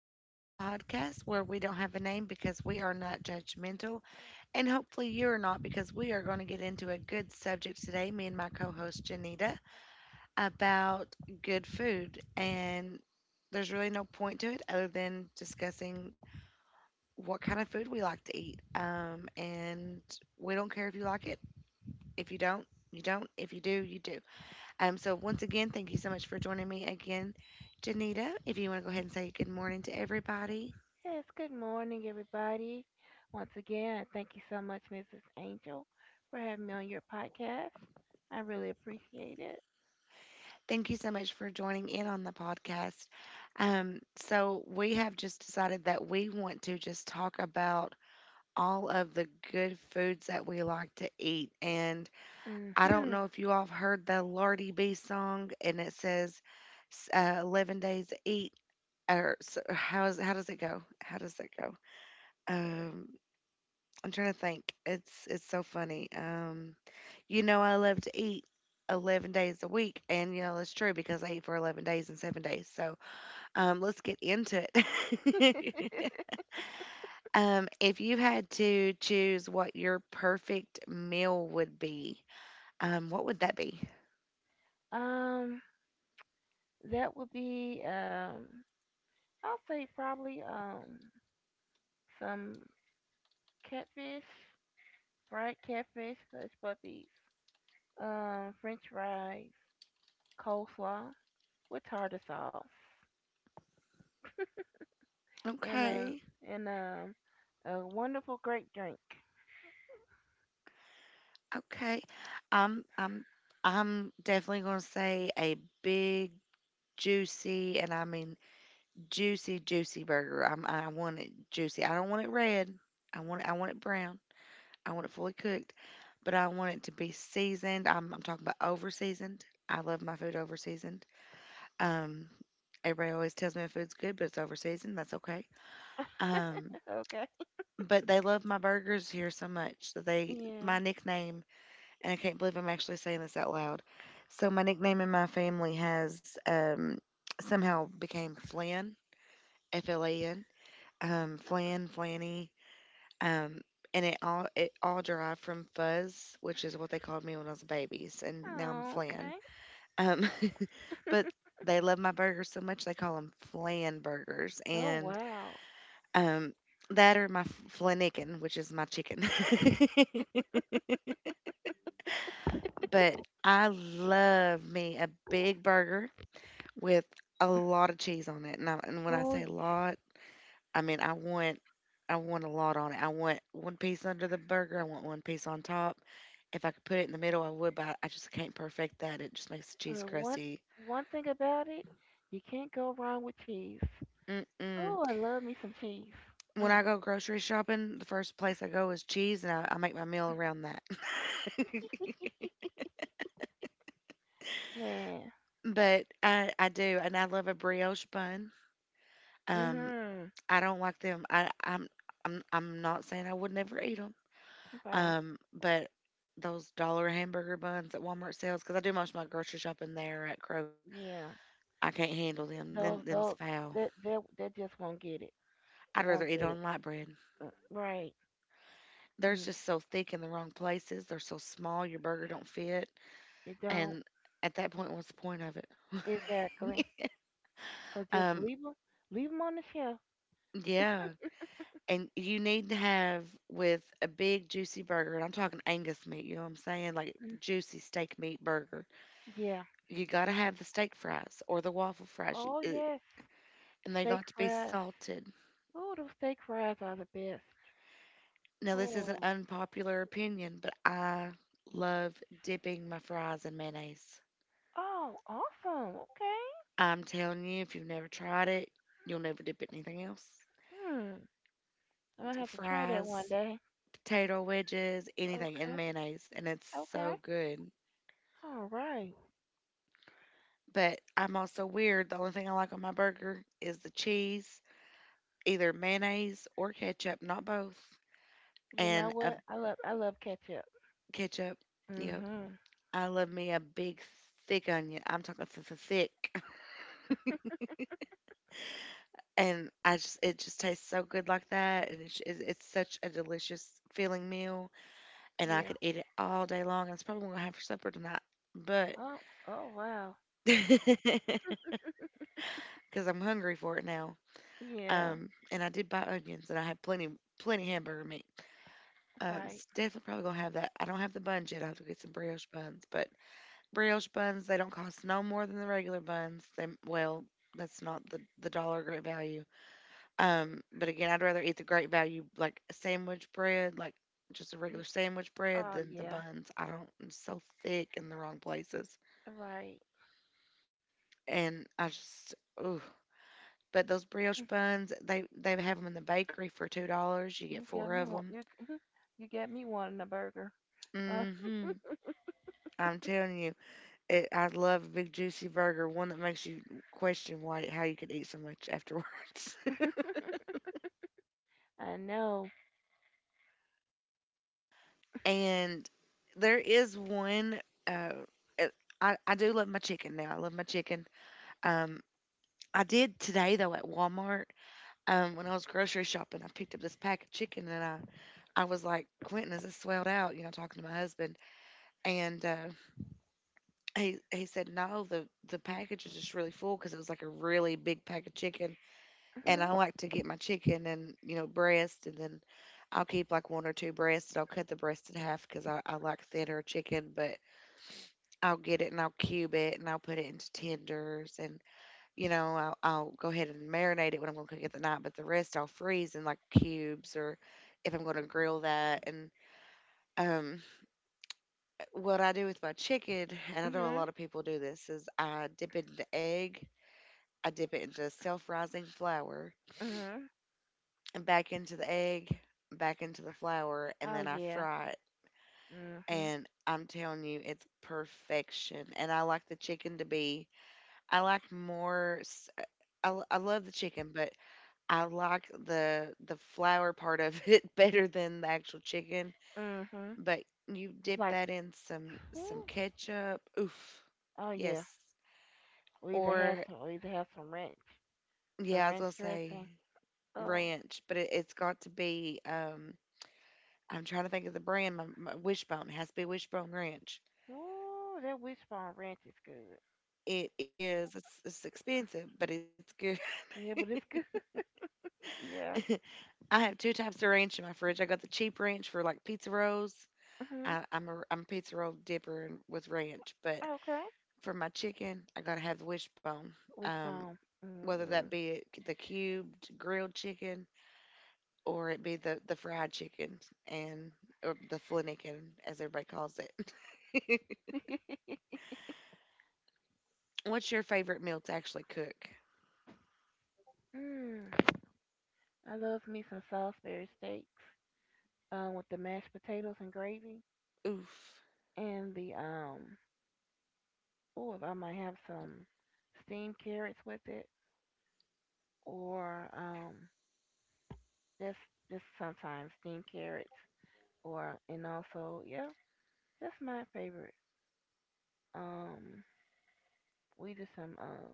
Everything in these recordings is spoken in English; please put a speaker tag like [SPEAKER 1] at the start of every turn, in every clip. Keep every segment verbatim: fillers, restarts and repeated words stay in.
[SPEAKER 1] Unnamed Podcast, where we don't have a name because we are not judgmental. And hopefully, you're not, because we are going to get into a good subject today, me and my co host Janita, about good food. And there's really no point to it other than discussing what kind of food we like to eat. Um, and we don't care if you like it. If you don't, you don't. If you do, you do. Um, so, once again, thank you so much for joining me again, Janita. If you want to go ahead and say good morning to everybody.
[SPEAKER 2] Yes, good morning, everybody. Once again, I thank you so much, missus Angel, for having me on your podcast. I really appreciate it.
[SPEAKER 1] Thank you so much for joining in on the podcast. Um, so, we have just decided that we want to just talk about all of the good foods that we like to eat. And I don't
[SPEAKER 2] Hmm
[SPEAKER 1] know if you all have heard the Lardy B song, and it says s- uh, eleven days to eat. Or so how, is, How does it go? How does it go? Um, I'm trying to think. It's it's so funny. Um, you know, I love to eat eleven days a week, and you know it's true because I eat for eleven days and seven days. So, um, let's get into it. Um, if you had to choose what your perfect meal would be, um, what would that be?
[SPEAKER 2] Um, that would be um, I'll say probably um some catfish, fried catfish, hush puppies, um, French fries, coleslaw with tartar sauce, and a
[SPEAKER 1] Okay,
[SPEAKER 2] and a, a wonderful grape drink.
[SPEAKER 1] okay. I'm I'm I'm definitely gonna say a big juicy, and I mean juicy, juicy burger. I'm, I want it juicy. I don't want it red. I want it, I want it brown. I want it fully cooked, but I want it to be seasoned. I'm, I'm talking about over seasoned. I love my food over seasoned. Um, Everybody always tells me my food's good, but it's over seasoned. That's okay. Um,
[SPEAKER 2] Okay.
[SPEAKER 1] but they love my burgers here so much that they, my
[SPEAKER 2] Yeah.
[SPEAKER 1] nickname, and I can't believe I'm actually saying this out loud. So my nickname in my family has um, somehow became Flynn, F L A N, um, Flan, Flanny, um, and it all it all derived from fuzz, which is what they called me when I was a baby, s- and now I'm
[SPEAKER 2] Oh,
[SPEAKER 1] Flan.
[SPEAKER 2] okay.
[SPEAKER 1] Um, but they love my burgers so much they call them Flan burgers,
[SPEAKER 2] Oh,
[SPEAKER 1] and
[SPEAKER 2] wow.
[SPEAKER 1] um, that or my Flanicken, which is my chicken. But I love me a big burger with a lot of cheese on it, and, I, and when I
[SPEAKER 2] Oh,
[SPEAKER 1] say
[SPEAKER 2] y-
[SPEAKER 1] lot, I mean, I want I want a lot on it. I want one piece under the burger. I want one piece on top. If I could put it in the middle, I would, but I just can't perfect that. It just makes the cheese
[SPEAKER 2] uh, one
[SPEAKER 1] crusty.
[SPEAKER 2] one thing about it, you can't go wrong with cheese.
[SPEAKER 1] Mm-mm.
[SPEAKER 2] Oh, I love me some cheese.
[SPEAKER 1] When I
[SPEAKER 2] Mm,
[SPEAKER 1] go grocery shopping, the first place I go is cheese, and I, I make my meal around that.
[SPEAKER 2] man.
[SPEAKER 1] But I, I do, and I love a brioche bun. Um,
[SPEAKER 2] Mhm.
[SPEAKER 1] I don't like them. I, I'm I'm I'm not saying I would never eat 'em.
[SPEAKER 2] Right.
[SPEAKER 1] Um, but those dollar hamburger buns that Walmart sells, because I do most of my grocery shopping there or at Kroger,
[SPEAKER 2] Yeah.
[SPEAKER 1] I can't handle them. Them
[SPEAKER 2] Those
[SPEAKER 1] them's
[SPEAKER 2] those
[SPEAKER 1] foul.
[SPEAKER 2] that that that just won't get it. It
[SPEAKER 1] I'd rather
[SPEAKER 2] won't
[SPEAKER 1] eat
[SPEAKER 2] get it.
[SPEAKER 1] on light bread.
[SPEAKER 2] Uh, right.
[SPEAKER 1] They're
[SPEAKER 2] Mm,
[SPEAKER 1] just so thick in the wrong places. They're so small, your burger don't fit.
[SPEAKER 2] it don't.
[SPEAKER 1] And at that point, what's the point of it?
[SPEAKER 2] Exactly. So just
[SPEAKER 1] um,
[SPEAKER 2] leave them leave 'em on the shelf.
[SPEAKER 1] yeah. And you need to have with a big juicy burger, and I'm talking Angus meat, you know what I'm saying? Like
[SPEAKER 2] Mm,
[SPEAKER 1] juicy steak meat burger.
[SPEAKER 2] yeah.
[SPEAKER 1] You gotta have the steak fries or the waffle fries. You,
[SPEAKER 2] Oh
[SPEAKER 1] uh,
[SPEAKER 2] yes.
[SPEAKER 1] and they
[SPEAKER 2] Steak
[SPEAKER 1] got to be
[SPEAKER 2] fries.
[SPEAKER 1] salted.
[SPEAKER 2] Oh, those steak fries are the best.
[SPEAKER 1] Now, this is an
[SPEAKER 2] Oh,
[SPEAKER 1] unpopular opinion, but I love dipping my fries in mayonnaise.
[SPEAKER 2] oh, awesome. Okay.
[SPEAKER 1] I'm telling you, if you've never tried it, you'll never dip it in anything else.
[SPEAKER 2] Hmm. I'm gonna have to try that one
[SPEAKER 1] Fries,
[SPEAKER 2] day.
[SPEAKER 1] potato wedges, anything in
[SPEAKER 2] Okay.
[SPEAKER 1] mayonnaise, and it's
[SPEAKER 2] Okay.
[SPEAKER 1] so good.
[SPEAKER 2] All right.
[SPEAKER 1] But I'm also weird. The only thing I like on my burger is the cheese, either mayonnaise or ketchup, not both.
[SPEAKER 2] You know
[SPEAKER 1] And a
[SPEAKER 2] what? I love I love ketchup.
[SPEAKER 1] ketchup, yep.
[SPEAKER 2] Mhm.
[SPEAKER 1] I love me a big thick onion. I'm talking th- th- thick. And I just it just tastes so good like that, and it's it's it's such a delicious feeling meal, and I
[SPEAKER 2] Yeah.
[SPEAKER 1] could eat it all day long. That's probably what I'm gonna have for supper tonight, but
[SPEAKER 2] Oh. Oh wow.
[SPEAKER 1] because I'm hungry for it now.
[SPEAKER 2] Yeah.
[SPEAKER 1] Um, and I did buy onions, and I had plenty plenty hamburger meat. Um,
[SPEAKER 2] Right.
[SPEAKER 1] s- definitely probably gonna have that. I don't have the buns yet. I have to get some brioche buns, but brioche buns they don't cost no more than the regular buns. They well, that's not the the dollar great value. Um, but again, I'd rather eat the great value like a sandwich bread, like just a regular
[SPEAKER 2] Y-
[SPEAKER 1] sandwich bread
[SPEAKER 2] oh
[SPEAKER 1] than the
[SPEAKER 2] yeah.
[SPEAKER 1] buns. I don't, it's so thick in the wrong places.
[SPEAKER 2] Right.
[SPEAKER 1] And I just, ooh. But those brioche buns, they they have them in the bakery for two dollars. You get
[SPEAKER 2] You
[SPEAKER 1] four
[SPEAKER 2] got
[SPEAKER 1] of
[SPEAKER 2] me one.
[SPEAKER 1] them.
[SPEAKER 2] You you got me wanting a burger. Uh,
[SPEAKER 1] Hmm. I'm telling you, it, I love a big juicy burger, one that makes you question why how you could eat so much afterwards.
[SPEAKER 2] I know.
[SPEAKER 1] And there is one. Uh, it- I I do love my chicken now. I love my chicken. Um, I did today though at Walmart. Um, when I was grocery shopping, I picked up this pack of chicken and I, I was like, Quentin, is this swelled out? You know, talking to my husband, and uh, he he said, no, the the package is just really full because it was like a really big pack of chicken, and
[SPEAKER 2] Mhm.
[SPEAKER 1] I like to get my chicken and you know breast, and then I'll keep like one or two breasts, and I'll cut the breast in half because I, I like thinner chicken, but I'll get it and I'll cube it and I'll put it into tenders and you know, I'll, I'll go ahead and marinate it when I'm going to cook it the night, but the rest I'll freeze in like cubes or if I'm going to grill that. And um, what I do with my chicken, and I know a
[SPEAKER 2] Mhm.
[SPEAKER 1] lot of people do this, is I dip it into egg, I dip it into self rising flour,
[SPEAKER 2] Mhm.
[SPEAKER 1] and back into the egg, back into the flour, and
[SPEAKER 2] Oh
[SPEAKER 1] then I
[SPEAKER 2] yeah.
[SPEAKER 1] fry it.
[SPEAKER 2] Mhm.
[SPEAKER 1] And I'm telling you, it's perfection. And I like the chicken to be, I like more, s- I, l- I love the chicken, but I like the the flour part of it better than the actual chicken,
[SPEAKER 2] Mhm.
[SPEAKER 1] but you dip
[SPEAKER 2] Like.
[SPEAKER 1] that in some some ketchup. Oof.
[SPEAKER 2] Oh yeah.
[SPEAKER 1] Yes.
[SPEAKER 2] We either have
[SPEAKER 1] Or
[SPEAKER 2] some. We either have some ranch. Some
[SPEAKER 1] yeah, I was
[SPEAKER 2] ranch
[SPEAKER 1] gonna say
[SPEAKER 2] dressing. Oh,
[SPEAKER 1] ranch, but it, it's got to be. Um, I'm trying to think of the brand. My, my Wishbone it has to be Wishbone Ranch.
[SPEAKER 2] ooh, that wishbone ranch is good.
[SPEAKER 1] It is. It's, it's expensive, but it's good.
[SPEAKER 2] Yeah, but it's good. yeah.
[SPEAKER 1] I have two types of ranch in my fridge. I got the cheap ranch for like pizza rolls.
[SPEAKER 2] hmm
[SPEAKER 1] I, I'm a I'm a pizza roll dipper with ranch, but
[SPEAKER 2] Okay.
[SPEAKER 1] for my chicken, I gotta have the wishbone. Um,
[SPEAKER 2] Wishbone.
[SPEAKER 1] Whether
[SPEAKER 2] Hmm
[SPEAKER 1] that be it- the cubed grilled chicken or it be the the fried chicken and or the flinnikin as everybody calls it. What's your favorite meal to actually cook?
[SPEAKER 2] mm. I love me some Salisbury steaks uh, with the mashed potatoes and gravy
[SPEAKER 1] Oof,
[SPEAKER 2] and the um. Oh, if I might have some steamed carrots with it, or um, just just sometimes steamed carrots, or and also yeah, that's my favorite. Um, we do some um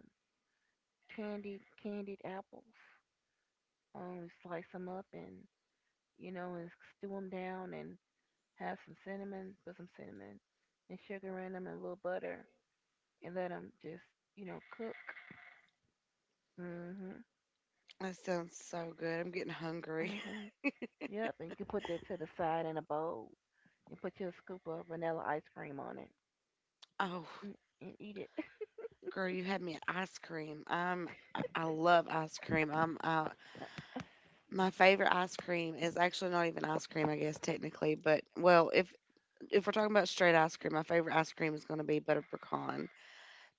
[SPEAKER 2] candied candied apples. Um, slice them up and you know and stew them down and have some cinnamon, put some cinnamon and sugar in them and a little butter and let them just you know cook. Mhm.
[SPEAKER 1] that sounds so good. I'm getting hungry.
[SPEAKER 2] yep. And you can put that to the side in a bowl and put your scoop of vanilla ice cream on it
[SPEAKER 1] Oh,
[SPEAKER 2] and, and eat it.
[SPEAKER 1] girl, you had me at ice cream. Um, I I love ice cream. Um, uh, my favorite ice cream is actually not even ice cream, I guess technically, but well, if if we're talking about straight ice cream, my favorite ice cream is going to be butter pecan.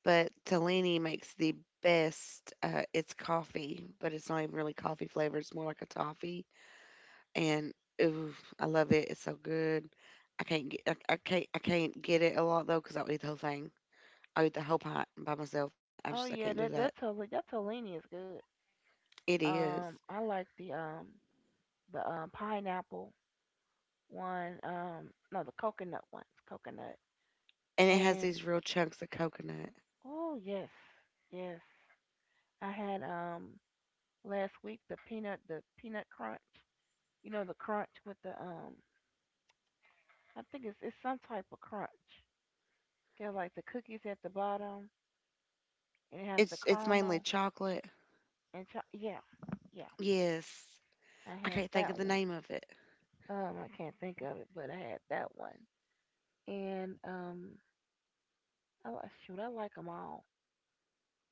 [SPEAKER 1] But Tellini makes the best. Uh, it's coffee, but it's not even really coffee flavored. It's more like a toffee, and ooh, I love it. It's so good. I can't get I, I can't I can't get it a lot though because I'll eat the whole thing. I'll eat the whole pint by myself, and I, I
[SPEAKER 2] oh
[SPEAKER 1] just I can't
[SPEAKER 2] yeah,
[SPEAKER 1] do
[SPEAKER 2] that
[SPEAKER 1] that.
[SPEAKER 2] that totally that tolini is good.
[SPEAKER 1] It is,
[SPEAKER 2] Um, I like the um the um pineapple one. Um, no, the coconut ones, coconut.
[SPEAKER 1] and it has
[SPEAKER 2] And
[SPEAKER 1] these real chunks of coconut.
[SPEAKER 2] oh yes, yes. I had um last week the peanut, the peanut crunch. You know the crunch with the um. I think it's it's some type of crunch. Got like the cookies at the bottom, and it has the
[SPEAKER 1] It's it's mainly
[SPEAKER 2] caramel
[SPEAKER 1] chocolate.
[SPEAKER 2] and cho- yeah, yeah.
[SPEAKER 1] Yes,
[SPEAKER 2] I
[SPEAKER 1] I
[SPEAKER 2] had
[SPEAKER 1] can't think of
[SPEAKER 2] that
[SPEAKER 1] the
[SPEAKER 2] one.
[SPEAKER 1] name of it.
[SPEAKER 2] Um, I can't think of it, but I had that one. And um, I like shoot, I like 'em all.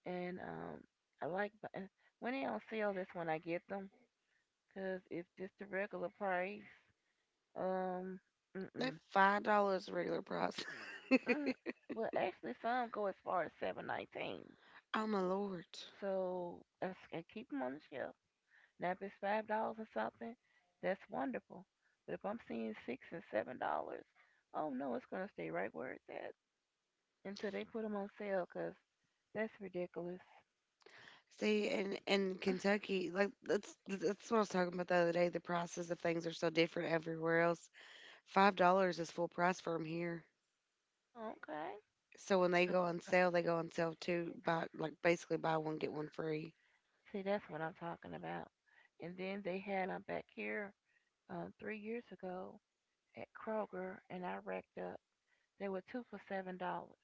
[SPEAKER 2] And um, I like bu- uh, when they on sale. That's when I get them, cause if just the regular price, um,
[SPEAKER 1] That
[SPEAKER 2] mm-mm,
[SPEAKER 1] five dollars regular price.
[SPEAKER 2] mm, well, actually some go as far as seven nineteen.
[SPEAKER 1] I'm a lord.
[SPEAKER 2] So I, s- I keep them on the shelf. Now if it's five dollars or something, that's wonderful. But if I'm seeing six and seven dollars, oh no, it's gonna stay right where it's at until they put them on sale, cause that's ridiculous.
[SPEAKER 1] See, in in Kentucky, like that's that's what I was talking about the other day. The prices of things are so different everywhere else. Five dollars is full price for them here.
[SPEAKER 2] Okay,
[SPEAKER 1] So when they
[SPEAKER 2] cause
[SPEAKER 1] go on sale, they go on sale too. Buy like basically buy one get one free.
[SPEAKER 2] see, that's what I'm talking about. And then they had them back here um, three years ago at Kroger, and I racked up. They were two for seven dollars,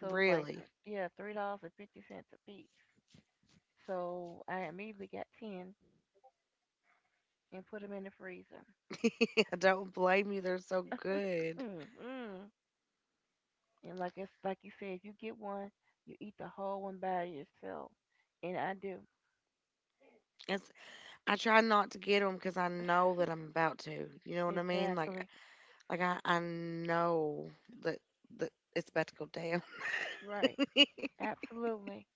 [SPEAKER 2] so it was like th-
[SPEAKER 1] Really,
[SPEAKER 2] yeah, three dollars and fifty cents a piece. So I immediately got ten and put them in the freezer.
[SPEAKER 1] I don't blame you. They're so good.
[SPEAKER 2] And like it's like you said, you get one, you eat the whole one by yourself, and I do
[SPEAKER 1] It's, I try not to get them because I know that I'm about to. You know what I mean? Like
[SPEAKER 2] exactly
[SPEAKER 1] Like I, I know that that it's about to go down,
[SPEAKER 2] right, absolutely.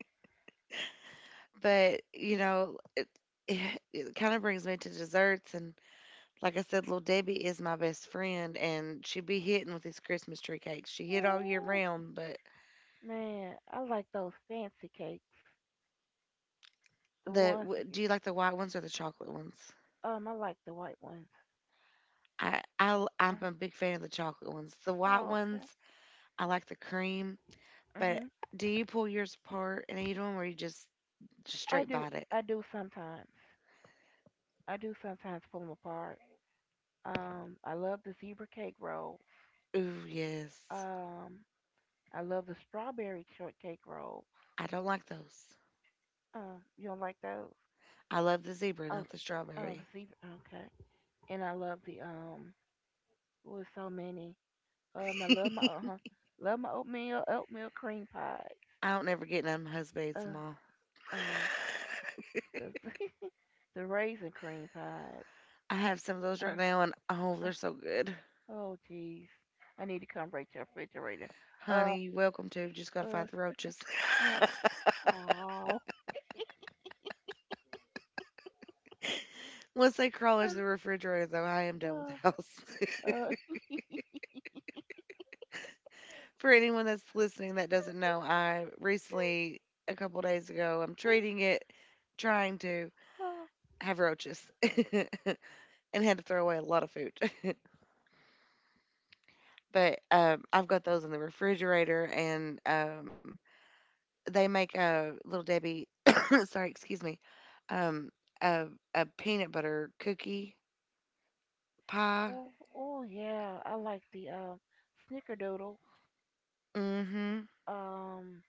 [SPEAKER 1] but you know it. It, it kind of brings me to desserts, and like I said, little Debbie is my best friend, and she be hitting with these Christmas tree cakes. She hit all year
[SPEAKER 2] Oh
[SPEAKER 1] round, but
[SPEAKER 2] man, I like those fancy cakes, the
[SPEAKER 1] the
[SPEAKER 2] ones
[SPEAKER 1] w-
[SPEAKER 2] that
[SPEAKER 1] do you like the white ones or the chocolate ones?
[SPEAKER 2] um, I like the white ones.
[SPEAKER 1] I I i l-
[SPEAKER 2] Uh,
[SPEAKER 1] I'm a big fan of the chocolate ones. The white
[SPEAKER 2] oh, okay.
[SPEAKER 1] ones, I like the cream, but
[SPEAKER 2] Mhm.
[SPEAKER 1] do you pull yours apart and eat them, or you just just
[SPEAKER 2] I
[SPEAKER 1] straight
[SPEAKER 2] do.
[SPEAKER 1] bite it?
[SPEAKER 2] I do sometimes. I do sometimes pull them apart. Um, I love the zebra cake rolls.
[SPEAKER 1] Ooh, yes.
[SPEAKER 2] Um, I love the strawberry shortcake rolls.
[SPEAKER 1] I don't like those.
[SPEAKER 2] Uh, you don't like those?
[SPEAKER 1] I love the zebra,
[SPEAKER 2] Oh,
[SPEAKER 1] not the
[SPEAKER 2] oh,
[SPEAKER 1] strawberry.
[SPEAKER 2] the zebra. Okay. And I love the um. With so many. Um, I love my uh huh. Love my oatmeal oatmeal cream pies.
[SPEAKER 1] I don't ever get none of my husband's at the
[SPEAKER 2] Uh,
[SPEAKER 1] mall.
[SPEAKER 2] um, the the raisin cream pies.
[SPEAKER 1] I have some of those right
[SPEAKER 2] Uh,
[SPEAKER 1] now, and oh, they're so good.
[SPEAKER 2] Oh, jeez. I need to come right to the refrigerator. Uh,
[SPEAKER 1] Honey, you're welcome to. Just gotta
[SPEAKER 2] uh,
[SPEAKER 1] fight the roaches.
[SPEAKER 2] uh, oh.
[SPEAKER 1] Once they crawl into the refrigerator, though, I am done with the
[SPEAKER 2] Uh,
[SPEAKER 1] house.
[SPEAKER 2] uh, uh,
[SPEAKER 1] For anyone that's listening that doesn't know, I recently, a couple days ago, I'm treating it, trying to
[SPEAKER 2] oh,
[SPEAKER 1] have roaches, and had to throw away a lot of food. but um, I've got those in the refrigerator, and um, they make a little Debbie, sorry, excuse me, um, a a peanut butter cookie pie.
[SPEAKER 2] oh, oh, yeah. I like the, um, Snickerdoodle.
[SPEAKER 1] Mm-hmm.
[SPEAKER 2] Um,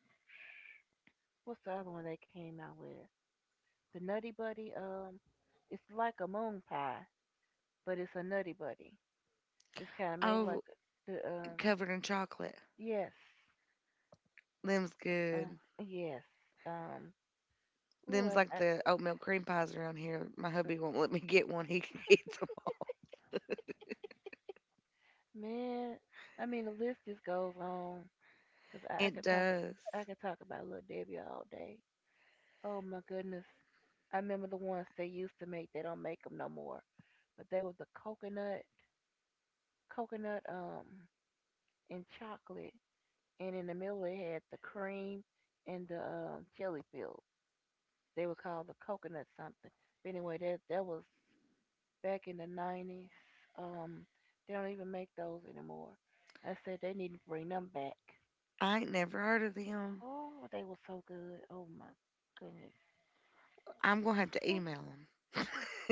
[SPEAKER 2] what's the other one they came out with? The Nutty Buddy. Um, it's like a moon pie, but it's a Nutty Buddy. It's kind of made like
[SPEAKER 1] Oh,
[SPEAKER 2] the, um,
[SPEAKER 1] covered in chocolate.
[SPEAKER 2] yes.
[SPEAKER 1] Them's
[SPEAKER 2] Uh,
[SPEAKER 1] good.
[SPEAKER 2] yes. Um, ooh, I,
[SPEAKER 1] Them's like
[SPEAKER 2] I,
[SPEAKER 1] the oatmeal cream pies around here. My hubby won't let me get one. He eats them.
[SPEAKER 2] man, I mean the list just goes on 'cause I, I
[SPEAKER 1] It
[SPEAKER 2] could talk
[SPEAKER 1] does.
[SPEAKER 2] I could talk about Little Debbie all day. Oh my goodness, I remember the ones they used to make. They don't make them no more, but they was the coconut, coconut um and chocolate, and in the middle it had the cream and the um, jelly filled. They were called the coconut something. But anyway, that that was back in the nineties. Um, they don't even make those anymore. I said they need to bring them back.
[SPEAKER 1] I ain't never heard of them.
[SPEAKER 2] Oh, they were so good. Oh my goodness.
[SPEAKER 1] I'm gonna have to email them.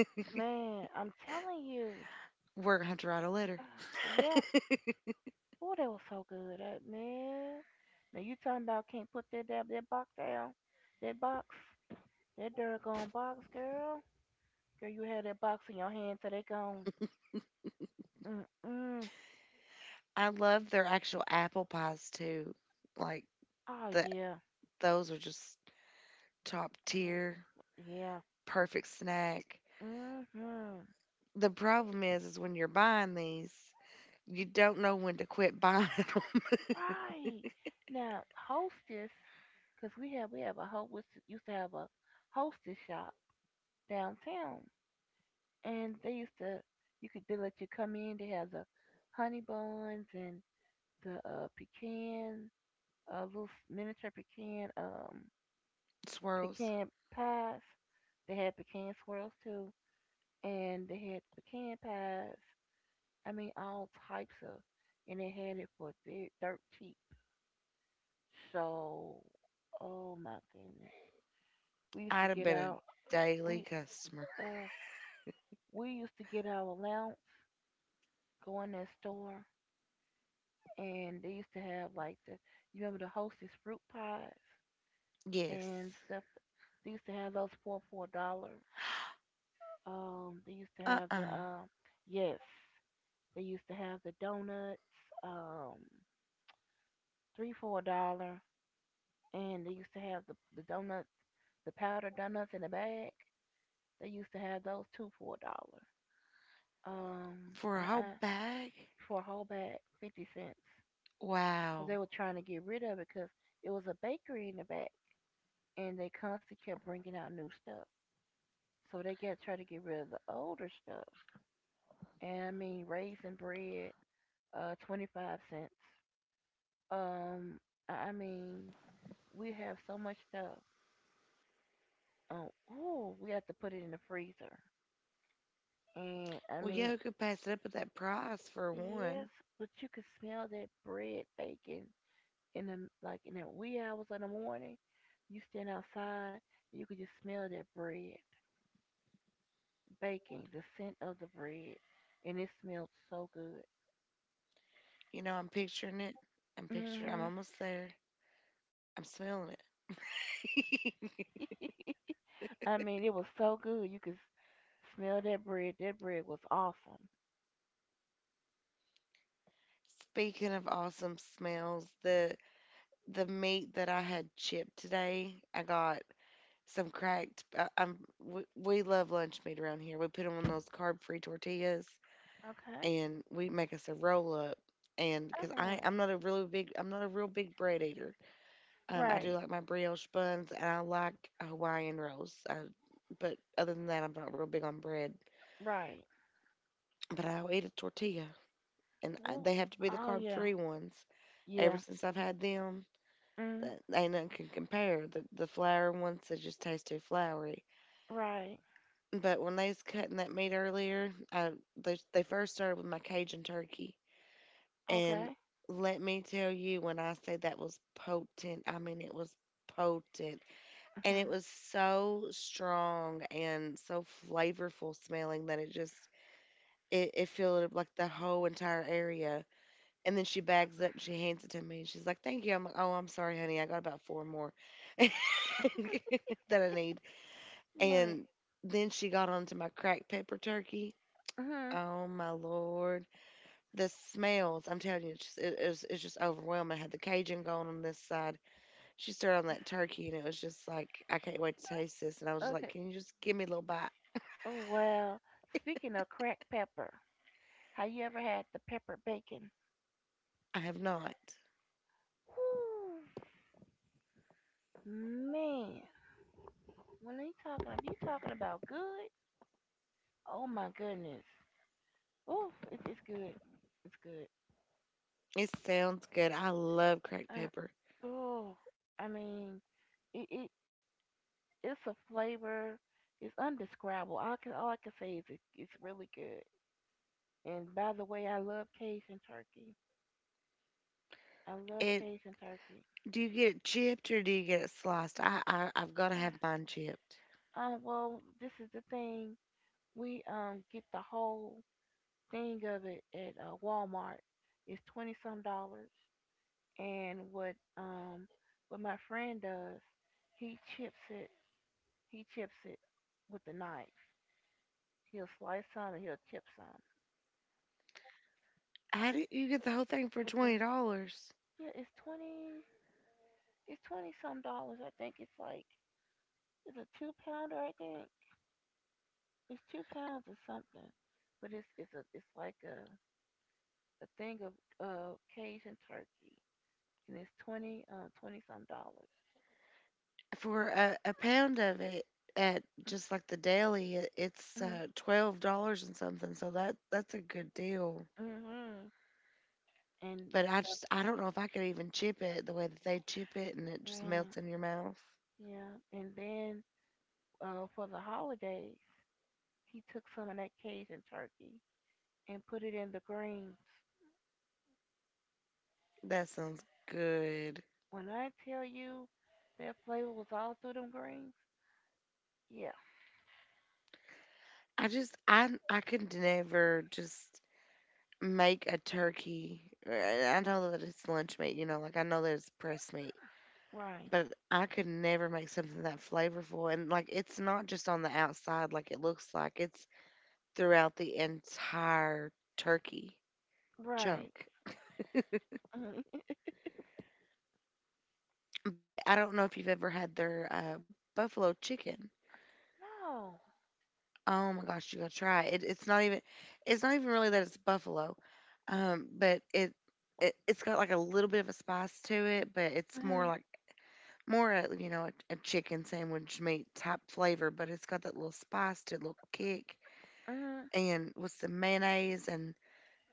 [SPEAKER 2] Man, I'm telling you.
[SPEAKER 1] We're gonna have to write a letter.
[SPEAKER 2] Yeah. Oh, they were so good. Uh, man. Now you talking about can't put that that, that box down. That box. That doggone box, girl. Girl, you had that box in your hand till they gone. Mm-mm.
[SPEAKER 1] I love their actual apple pies too. Like
[SPEAKER 2] Oh,
[SPEAKER 1] the
[SPEAKER 2] yeah.
[SPEAKER 1] those are just top
[SPEAKER 2] Oh,
[SPEAKER 1] tier.
[SPEAKER 2] yeah.
[SPEAKER 1] Perfect snack.
[SPEAKER 2] Mm-hmm.
[SPEAKER 1] The problem is, is when you're buying these, you don't know when to quit buying them.
[SPEAKER 2] Right. Now, hostess, because we have, we have a host, used to have a hostess shop downtown. And they used to you could they let you come in. They had the honey buns and the uh, pecan, uh, little miniature pecan, um,
[SPEAKER 1] Swirls.
[SPEAKER 2] pecan pies. They had pecan swirls too, and they had pecan pies. I mean, all types of, and they had it for dirt, dirt cheap. So, oh my goodness, we used to
[SPEAKER 1] I'd have
[SPEAKER 2] get
[SPEAKER 1] been a
[SPEAKER 2] out. We
[SPEAKER 1] daily customer.
[SPEAKER 2] uh, we used to get our allowance, go in that store, and they used to have like the you remember the Hostess fruit pies
[SPEAKER 1] Yes.
[SPEAKER 2] and stuff. They used to have those for four dollars. Um, they used to have the
[SPEAKER 1] Uh-uh.
[SPEAKER 2] um, yes, they used to have the donuts, um, three for a dollar, and they used to have the the donuts, the powdered donuts in the bag. They used to have those two for a dollar. Um,
[SPEAKER 1] For a
[SPEAKER 2] uh,
[SPEAKER 1] whole
[SPEAKER 2] uh
[SPEAKER 1] bag?
[SPEAKER 2] for a whole bag, fifty cents. But
[SPEAKER 1] Wow.
[SPEAKER 2] they were trying to get rid of it because it was a bakery in the back, and they constantly kept bringing out new stuff. So they got to try to get rid of the older stuff. And I mean, raisin bread, uh, twenty five cents. Um, I I mean, we have so much stuff. Oh, ooh, we have to put it in the freezer. And I
[SPEAKER 1] Well, yeah,
[SPEAKER 2] mean,
[SPEAKER 1] who could pass it up at that price for
[SPEAKER 2] yes,
[SPEAKER 1] one?
[SPEAKER 2] but you could smell that bread baking in the like in the wee hours of the morning. You stand outside, you could just smell that bread baking, the scent of the bread, and it smelled so good.
[SPEAKER 1] You know, I'm picturing it. I'm picturing. I'm
[SPEAKER 2] Hmm
[SPEAKER 1] almost there. I'm smelling it.
[SPEAKER 2] I mean, it was so good. You could s- smell that bread. That bread was awesome.
[SPEAKER 1] Speaking of awesome smells, the the meat that I had chipped today, I got some cracked. I, I'm we, we love lunch meat around here. We put them on those carb-free tortillas,
[SPEAKER 2] Okay.
[SPEAKER 1] and we make us a roll up. And because I
[SPEAKER 2] Uh-huh.
[SPEAKER 1] I'm not a really big I'm not a real big bread eater. Um, I do
[SPEAKER 2] Right.
[SPEAKER 1] like my brioche buns, and I like Hawaiian rolls. I, but other than that, I'm not real big on bread.
[SPEAKER 2] Right.
[SPEAKER 1] But I'll eat a tortilla, and I,
[SPEAKER 2] Well,
[SPEAKER 1] they have to be the
[SPEAKER 2] oh yeah.
[SPEAKER 1] carb-free ones. Ever
[SPEAKER 2] Yeah.
[SPEAKER 1] since I've had them,
[SPEAKER 2] Mm.
[SPEAKER 1] that ain't nothing can compare. The the flour ones they just taste too floury.
[SPEAKER 2] Right.
[SPEAKER 1] But when they was cutting that meat earlier, I they, they first started with my Cajun turkey, and
[SPEAKER 2] Okay.
[SPEAKER 1] let me tell you, when I say that was potent, I mean it was potent, and it
[SPEAKER 2] Uh-huh.
[SPEAKER 1] was so strong and so flavorful smelling that it just it, it filled up like the whole entire area. And then she bags up and she hands it to me. And she's like, "Thank you." I'm like, "Oh, I'm sorry, honey. I got about four more that I need."
[SPEAKER 2] Right.
[SPEAKER 1] And then she got onto my cracked pepper turkey.
[SPEAKER 2] Uh-huh.
[SPEAKER 1] Oh my lord, the smells! I'm telling you, it's just, it, it's it's just overwhelming. I had the Cajun going on this side. She started on that turkey, and it was just like, I can't wait to taste this. And I was just like,
[SPEAKER 2] Okay.
[SPEAKER 1] can you just give me a little bite?
[SPEAKER 2] Oh well. Speaking of cracked pepper, have you ever had the pepper bacon?
[SPEAKER 1] I have not.
[SPEAKER 2] Whew. Man, when they talking, if you talking about good, oh my goodness. Oof, it's it's good. It's good.
[SPEAKER 1] It sounds good. I love cracked
[SPEAKER 2] Uh,
[SPEAKER 1] pepper.
[SPEAKER 2] Oh, I mean, it, it it's a flavor. It's undescribable. All I can all I can say is it, it's really good. And by the way, I love Cajun turkey. I love
[SPEAKER 1] It
[SPEAKER 2] Cajun turkey.
[SPEAKER 1] do you get it chipped or do you get it sliced? I, I I've got to have mine chipped.
[SPEAKER 2] Um, well, this is the thing. We um get the whole thing of it at uh, Walmart. It's twenty some dollars. And what um what my friend does, he chips it. He chips it with the knife. He'll slice some and he'll chip some.
[SPEAKER 1] How did you get the whole thing for
[SPEAKER 2] With
[SPEAKER 1] twenty
[SPEAKER 2] the
[SPEAKER 1] dollars?
[SPEAKER 2] yeah, it's twenty it's twenty some dollars. I think it's like it's a two pounder. I think it's two pounds or something, but it's it's a it's like a a thing of uh Cajun turkey, and it's twenty um twenty some dollars.
[SPEAKER 1] For a, a pound of it at just like the deli, it, it's
[SPEAKER 2] Mm
[SPEAKER 1] uh, twelve dollars and something. So that that's a good deal.
[SPEAKER 2] hmm. And
[SPEAKER 1] But I
[SPEAKER 2] stuff.
[SPEAKER 1] just I don't know if I could even chip it the way that they chip it and it just melts
[SPEAKER 2] Right.
[SPEAKER 1] in your mouth.
[SPEAKER 2] Yeah. And then uh for the holidays, he took some of that Cajun turkey and put it in the greens.
[SPEAKER 1] That sounds good.
[SPEAKER 2] When I tell you that flavor was all through them greens. Yeah.
[SPEAKER 1] I just I I could never just make a turkey. I I know that it's lunch meat, you know, like I know that it's pressed meat,
[SPEAKER 2] Right.
[SPEAKER 1] but I could never make something that flavorful and like it's not just on the outside like it looks like. It's throughout the entire turkey
[SPEAKER 2] Right.
[SPEAKER 1] chunk.
[SPEAKER 2] hmm
[SPEAKER 1] But I don't know if you've ever had their uh, buffalo chicken.
[SPEAKER 2] No.
[SPEAKER 1] Oh my gosh, you gotta try it. It's not even, it's not even really that it's buffalo, um, but it, it it's got like a little bit of a spice to it, but it's more
[SPEAKER 2] Mm-hmm.
[SPEAKER 1] like more a, you know a, a chicken sandwich meat type flavor, but it's got that little spice to it, little kick,
[SPEAKER 2] Mm-hmm.
[SPEAKER 1] and with some mayonnaise and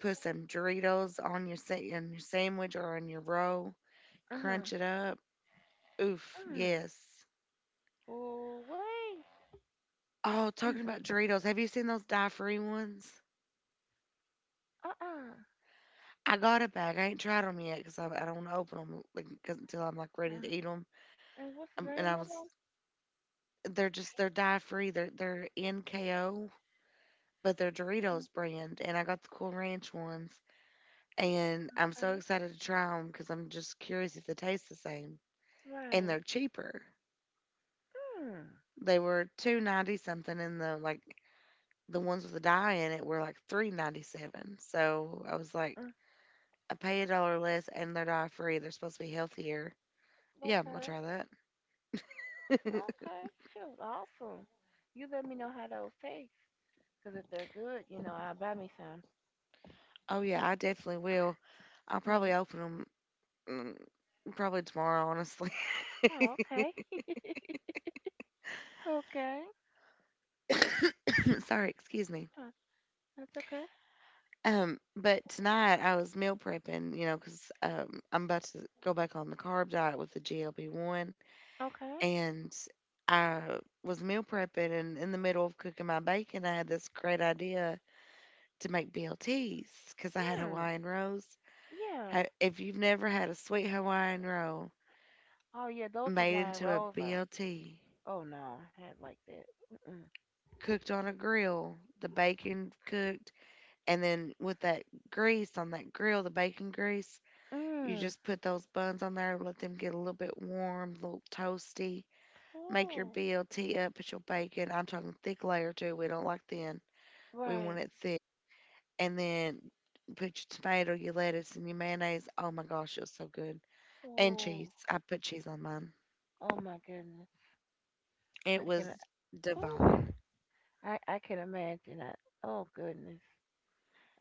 [SPEAKER 1] put some Doritos on your sa- on your sandwich or on your roll,
[SPEAKER 2] Mm-hmm.
[SPEAKER 1] crunch it up. Oof,
[SPEAKER 2] Mm-hmm.
[SPEAKER 1] yes.
[SPEAKER 2] Oh wait.
[SPEAKER 1] Oh, talking about Doritos, have you seen those dye free ones?
[SPEAKER 2] Uh-uh. Uh,
[SPEAKER 1] I got a bag. I ain't tried them yet because I, I don't want to open them like, 'cause until I'm like ready to
[SPEAKER 2] uh.
[SPEAKER 1] eat them.
[SPEAKER 2] And what's the
[SPEAKER 1] Um, and
[SPEAKER 2] name
[SPEAKER 1] I
[SPEAKER 2] of
[SPEAKER 1] was,
[SPEAKER 2] them?
[SPEAKER 1] they're just they're dye free. They're they're N K O, but they're Doritos brand. And I got the Cool Ranch ones, and I'm
[SPEAKER 2] Okay.
[SPEAKER 1] so excited to try them because I'm just curious if they taste the same. And they're
[SPEAKER 2] Right.
[SPEAKER 1] cheaper.
[SPEAKER 2] Hmm.
[SPEAKER 1] They were two ninety something, and the like the ones with the dye in it were like three ninety seven. So I was like,
[SPEAKER 2] mm
[SPEAKER 1] I pay a dollar less and they're dye free. They're supposed to be healthier. Yeah, I'm gonna
[SPEAKER 2] Okay.
[SPEAKER 1] try that.
[SPEAKER 2] Okay. Shoot. Awesome. You let me know how those taste. Cause if they're good, you know, I'll buy me some.
[SPEAKER 1] Oh yeah, I definitely will. I'll
[SPEAKER 2] Mm.
[SPEAKER 1] probably open them probably tomorrow, honestly.
[SPEAKER 2] Oh, okay. Okay.
[SPEAKER 1] Sorry, excuse me.
[SPEAKER 2] Uh, that's okay.
[SPEAKER 1] Um, but tonight I was meal prepping, you know, because um, I'm about to go back on the carb diet with the G L P one,
[SPEAKER 2] Okay.
[SPEAKER 1] and I was meal prepping, and in the middle of cooking my bacon, I had this great idea to make B L Ts because I had
[SPEAKER 2] Mm.
[SPEAKER 1] Hawaiian rolls.
[SPEAKER 2] Yeah.
[SPEAKER 1] Ha- If you've never had a sweet Hawaiian roll
[SPEAKER 2] Oh yeah. Those
[SPEAKER 1] made
[SPEAKER 2] Hawaiian
[SPEAKER 1] into a
[SPEAKER 2] rolls are.
[SPEAKER 1] B L T,
[SPEAKER 2] Oh no, I had like that. Mm-mm.
[SPEAKER 1] cooked on a grill, the bacon cooked, and then with that grease on that grill, the bacon grease, you
[SPEAKER 2] Mm.
[SPEAKER 1] just put those buns on there, let them get a little bit warm, a little toasty. Make your
[SPEAKER 2] Oh,
[SPEAKER 1] B L T up, put your bacon. I'm talking thick layer too. We don't like thin. We want
[SPEAKER 2] right.
[SPEAKER 1] it thick. And then put your tomato, your lettuce, and your mayonnaise. Oh my gosh, it's so good. And
[SPEAKER 2] Oh.
[SPEAKER 1] cheese. I put cheese on mine.
[SPEAKER 2] Oh my goodness.
[SPEAKER 1] It
[SPEAKER 2] I can.
[SPEAKER 1] was
[SPEAKER 2] Oh.
[SPEAKER 1] divine.
[SPEAKER 2] I I can imagine that. Oh goodness.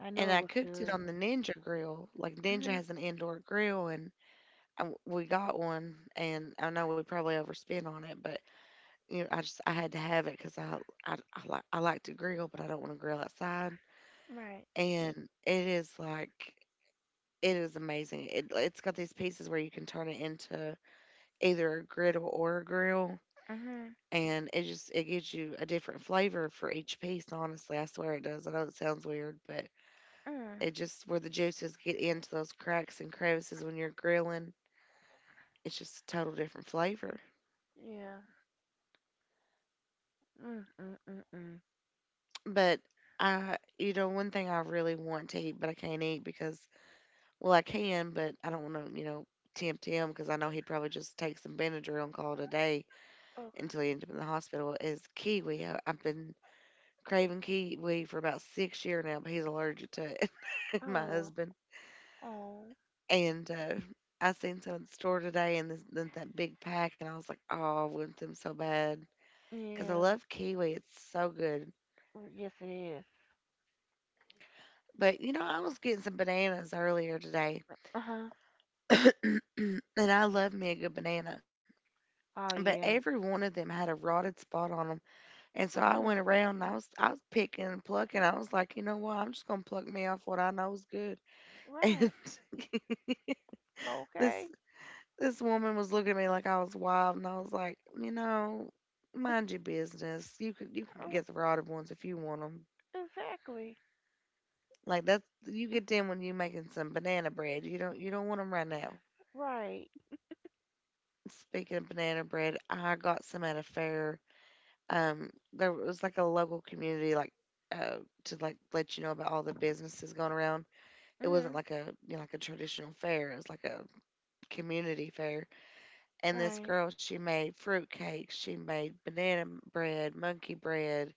[SPEAKER 2] I
[SPEAKER 1] And
[SPEAKER 2] know it
[SPEAKER 1] I
[SPEAKER 2] was
[SPEAKER 1] cooked it
[SPEAKER 2] good.
[SPEAKER 1] on the Ninja grill. Like Ninja
[SPEAKER 2] Mhm.
[SPEAKER 1] has an indoor grill, and I w we got one. And I know we probably overspent on it, but you know, I just I had to have it because I I, I like I like to grill, but I don't want to grill outside.
[SPEAKER 2] Right.
[SPEAKER 1] And it is like it is amazing. It it's got these pieces where you can turn it into either a griddle or a grill.
[SPEAKER 2] Mhm.
[SPEAKER 1] And it just it gives you a different flavor for each piece, honestly. I swear it does. I know it sounds weird, but it
[SPEAKER 2] Mm.
[SPEAKER 1] just where the juices get into those cracks and crevices when you're grilling. It's just a total different flavor.
[SPEAKER 2] Yeah. Mm. Mm. Mm. Mm.
[SPEAKER 1] But I, you know, one thing I really want to eat, but I can't eat because, well, I can, but I don't want to, you know, tempt him because I know he'd probably just take some Benadryl and call it a day
[SPEAKER 2] Okay.
[SPEAKER 1] until he ends up in the hospital. Is kiwi. I, I've been craving kiwi for about six year now, but he's allergic to it. My
[SPEAKER 2] Oh.
[SPEAKER 1] husband
[SPEAKER 2] Oh.
[SPEAKER 1] and uh, I seen some at the store today, and this, then that big pack, and I was like, oh, I want them so bad. Because I
[SPEAKER 2] Yeah.
[SPEAKER 1] love kiwi. It's so good.
[SPEAKER 2] Mm, yes, it is.
[SPEAKER 1] But you know, I was getting some bananas earlier today,
[SPEAKER 2] Uh huh.
[SPEAKER 1] and I love me a good banana.
[SPEAKER 2] Oh
[SPEAKER 1] But
[SPEAKER 2] yeah.
[SPEAKER 1] every one of them had a rotted spot on them, and so I
[SPEAKER 2] Mm.
[SPEAKER 1] went around and I was I was picking and plucking. I was like, you know what? I'm just gonna pluck me off what I know is good. And
[SPEAKER 2] Right.
[SPEAKER 1] this
[SPEAKER 2] Okay.
[SPEAKER 1] this woman was looking at me like I was wild, and I was like, you know, mind your business. You could you can
[SPEAKER 2] Uh,
[SPEAKER 1] get the rotted ones if you want 'em,
[SPEAKER 2] exactly.
[SPEAKER 1] like that's you get them when you're making some banana bread. You don't you don't want them right now.
[SPEAKER 2] Right.
[SPEAKER 1] Speaking of banana bread, I got some at a fair. Um, there was like a local community like uh to like let you know about all the businesses going around. It wasn't
[SPEAKER 2] Mm.
[SPEAKER 1] like a you know like a traditional fair. It was like a community fair. And this
[SPEAKER 2] Right.
[SPEAKER 1] girl, she made fruit cakes. She made banana bread, monkey bread.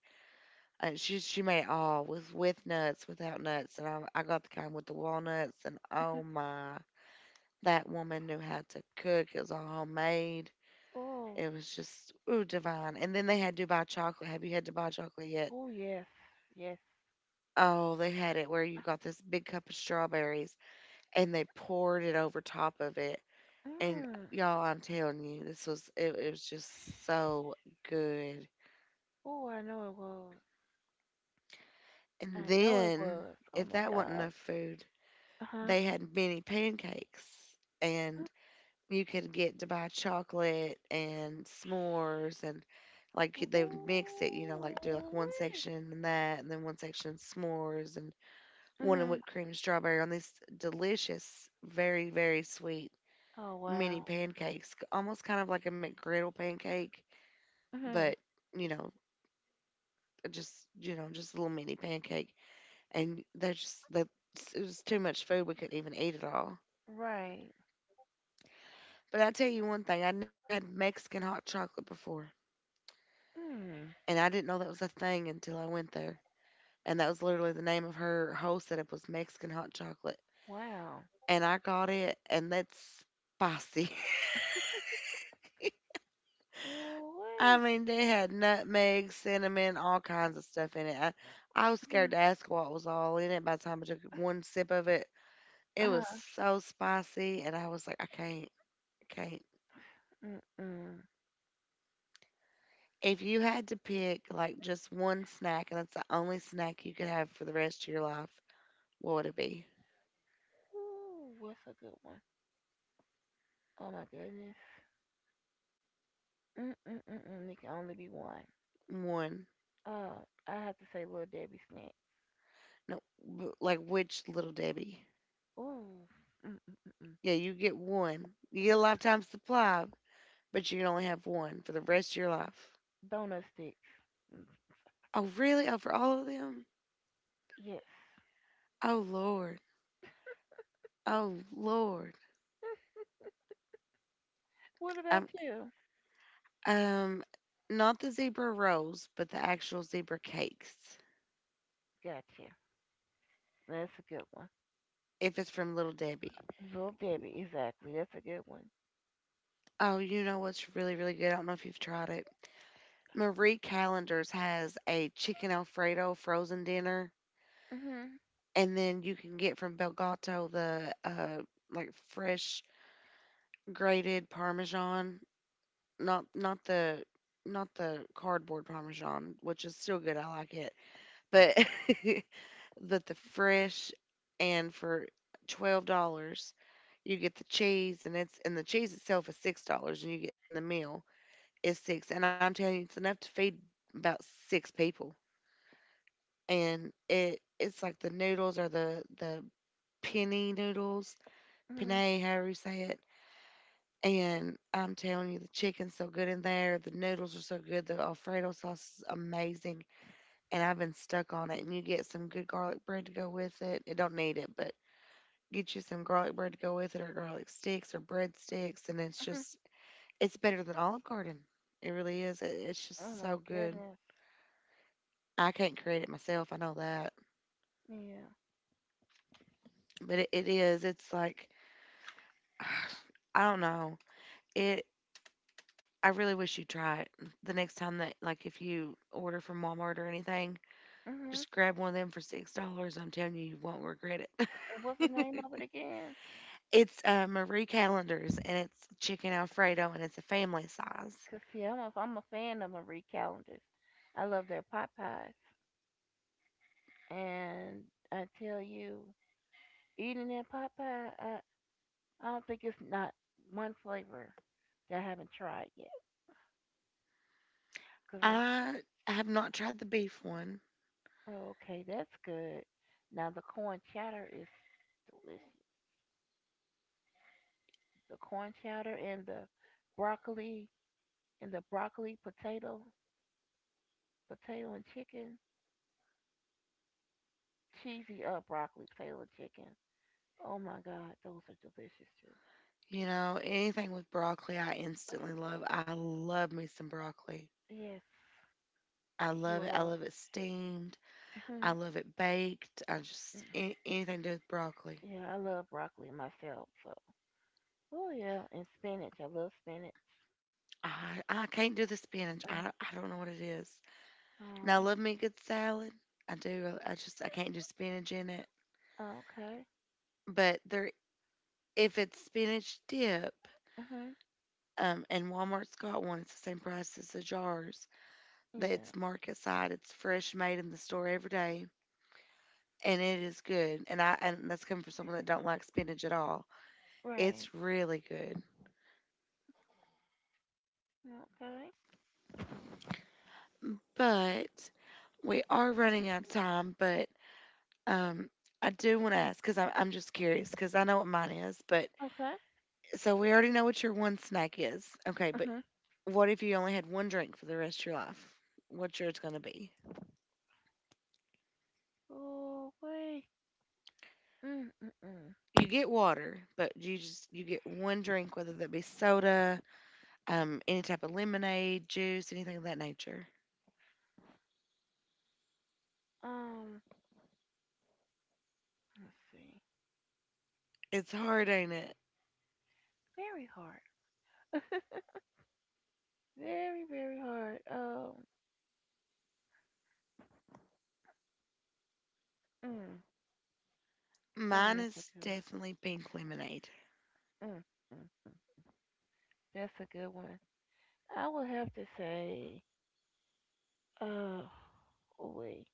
[SPEAKER 1] Uh, she she made it all with with nuts, without nuts, and I I got the kind with the walnuts. And oh my. That woman knew how to cook. It was all homemade.
[SPEAKER 2] Oh,
[SPEAKER 1] It was just ooh divine. And then they had Dubai chocolate. Have you had Dubai chocolate yet?
[SPEAKER 2] oh yes, yes.
[SPEAKER 1] Oh, they had it where you got this big cup of strawberries and they poured it over top of it. And
[SPEAKER 2] Mm.
[SPEAKER 1] y'all, I'm telling you, this was it, it was just so good.
[SPEAKER 2] Oh, I know it was.
[SPEAKER 1] And
[SPEAKER 2] I know it
[SPEAKER 1] then
[SPEAKER 2] was. Oh
[SPEAKER 1] if
[SPEAKER 2] my
[SPEAKER 1] that wasn't
[SPEAKER 2] God.
[SPEAKER 1] enough food,
[SPEAKER 2] Uh huh.
[SPEAKER 1] they had mini pancakes. And you could get to buy chocolate and s'mores and, like, they would mix it, you know, like
[SPEAKER 2] Ooh.
[SPEAKER 1] do like one section and that and then one section s'mores and one in
[SPEAKER 2] Mhm.
[SPEAKER 1] whipped cream and strawberry on these delicious, very, very sweet
[SPEAKER 2] Oh
[SPEAKER 1] mini
[SPEAKER 2] wow.
[SPEAKER 1] pancakes. c- Almost kind of like a McGriddle pancake, but
[SPEAKER 2] Mhm.
[SPEAKER 1] you know, just you know, just a little mini pancake. And they're just that it was too much food, we couldn't even eat it all.
[SPEAKER 2] Right.
[SPEAKER 1] But I tell you one thing, I never had Mexican hot chocolate before.
[SPEAKER 2] Mm.
[SPEAKER 1] And I didn't know that was a thing until I went there. And that was literally the name of her whole setup, was Mexican hot chocolate.
[SPEAKER 2] Wow.
[SPEAKER 1] And I got it, and that's spicy. I
[SPEAKER 2] Ooh.
[SPEAKER 1] mean, they had nutmeg, cinnamon, all kinds of stuff in it. I, I was
[SPEAKER 2] Mhm.
[SPEAKER 1] scared to ask what was all in it by the time I took one sip of it.
[SPEAKER 2] Uh
[SPEAKER 1] It was
[SPEAKER 2] huh.
[SPEAKER 1] so spicy, and I was like, I can't, I can't.
[SPEAKER 2] Mm mm.
[SPEAKER 1] If you had to pick like just one snack, and that's the only snack you could have for the rest of your life, what would it be?
[SPEAKER 2] Ooh, what's a good one? Oh my goodness. Mm mm mm mm. There can only be one.
[SPEAKER 1] One.
[SPEAKER 2] Uh, I have to say, Little Debbie snack.
[SPEAKER 1] No, w- like which Little Debbie?
[SPEAKER 2] Ooh. Mm mm mm mm.
[SPEAKER 1] Yeah, you get one. You get a lifetime supply, but you can only have one for the rest of your life.
[SPEAKER 2] Donut sticks.
[SPEAKER 1] Oh, really? Oh, for all of them?
[SPEAKER 2] Yes.
[SPEAKER 1] Oh, Lord. Oh, Lord.
[SPEAKER 2] What about
[SPEAKER 1] Um,
[SPEAKER 2] you?
[SPEAKER 1] um, not the zebra rolls, but the actual zebra cakes.
[SPEAKER 2] Gotcha. That's a good one.
[SPEAKER 1] If it's from Little Debbie.
[SPEAKER 2] Little Debbie, exactly. That's a good one.
[SPEAKER 1] Oh, you know what's really, really good? I don't know if you've tried it. Marie Callender's has a chicken Alfredo frozen dinner,
[SPEAKER 2] Mhm.
[SPEAKER 1] and then you can get from Belgato the uh like fresh grated parmesan, not not the not the cardboard parmesan, which is still good. I like it, but but the fresh, and for twelve dollars, you get the cheese, and it's and the cheese itself is six dollars, and you get and the meal is six. And I'm telling you, it's enough to feed about six people, and it it's like the noodles are the the penny noodles,
[SPEAKER 2] Mhm.
[SPEAKER 1] penne, however you say it. And I'm telling you, the chicken's so good in there. The noodles are so good. The Alfredo sauce is amazing. And I've been stuck on it. And you get some good garlic bread to go with it. It don't need it, but get you some garlic bread to go with it or garlic sticks or bread sticks. And it's
[SPEAKER 2] Mhm.
[SPEAKER 1] just, it's better than Olive Garden. It really is. It, it's
[SPEAKER 2] Oh
[SPEAKER 1] just so
[SPEAKER 2] my
[SPEAKER 1] good.
[SPEAKER 2] goodness.
[SPEAKER 1] I can't create it myself. I know that.
[SPEAKER 2] Yeah.
[SPEAKER 1] But it, it is. It's like, I don't know. It, I really wish you try it the next time that, like, if you order from Walmart or anything.
[SPEAKER 2] Mhm.
[SPEAKER 1] Just grab one of them for six dollars. I'm telling you, you won't regret
[SPEAKER 2] And what's the name
[SPEAKER 1] it.
[SPEAKER 2] of it again?
[SPEAKER 1] It's uh, Marie Callender's, and it's chicken Alfredo, and it's a family size.
[SPEAKER 2] Cause see, I'm a I'm a fan of Marie Callender's. I love their pot pies, and I tell you, eating that pot pie, I I don't think it's not one flavor that I haven't tried yet. Cause it's
[SPEAKER 1] I have not tried the beef one.
[SPEAKER 2] oh, okay, that's good. Now the corn chowder is delicious. The corn chowder and the broccoli and the broccoli potato, potato and chicken, cheesy uh broccoli potato and chicken. Oh my God, those are delicious too.
[SPEAKER 1] You know, anything with broccoli, I
[SPEAKER 2] Ah,
[SPEAKER 1] instantly love. I love me some broccoli.
[SPEAKER 2] yes,
[SPEAKER 1] I
[SPEAKER 2] you
[SPEAKER 1] love
[SPEAKER 2] will
[SPEAKER 1] it. I
[SPEAKER 2] love.
[SPEAKER 1] love it steamed. I
[SPEAKER 2] Mhm.
[SPEAKER 1] love it baked. I just any, anything to do with broccoli.
[SPEAKER 2] yeah, I love broccoli myself. So, oh yeah, and spinach. I love spinach.
[SPEAKER 1] I I can't do the spinach.
[SPEAKER 2] Uh,
[SPEAKER 1] I I don't know what it is. Now I
[SPEAKER 2] oh,
[SPEAKER 1] love me a good salad. I do. I just I can't do spinach in it.
[SPEAKER 2] okay.
[SPEAKER 1] But there, if it's spinach dip,
[SPEAKER 2] Mhm.
[SPEAKER 1] um, and Walmart's got one, it's the same price as the jars. That
[SPEAKER 2] Yeah.
[SPEAKER 1] it's market side, it's fresh made in the store every day, and it is good. And I, and that's coming from someone that don't like spinach at all.
[SPEAKER 2] Right.
[SPEAKER 1] It's really good.
[SPEAKER 2] Okay.
[SPEAKER 1] But we are running out of time. But um, I do want to ask because I'm I'm just curious because I know what mine is. But
[SPEAKER 2] Okay.
[SPEAKER 1] so we already know what your one snack is. Okay, but
[SPEAKER 2] Mhm.
[SPEAKER 1] what if you only had one drink for the rest of your life? What's yours gonna be?
[SPEAKER 2] Oh, wait. Mm-mm-mm.
[SPEAKER 1] You get water, but you just you get one drink, whether that be soda, um, any type of lemonade, juice, anything of that nature.
[SPEAKER 2] Um, let's see.
[SPEAKER 1] It's hard, ain't it?
[SPEAKER 2] Very hard. Very, very hard. Um, mm, darn,
[SPEAKER 1] Mine
[SPEAKER 2] that's a
[SPEAKER 1] is
[SPEAKER 2] good one.
[SPEAKER 1] definitely pink lemonade.
[SPEAKER 2] Mm-mm-mm. That's a good one. I would have to say, uh, oh, wait.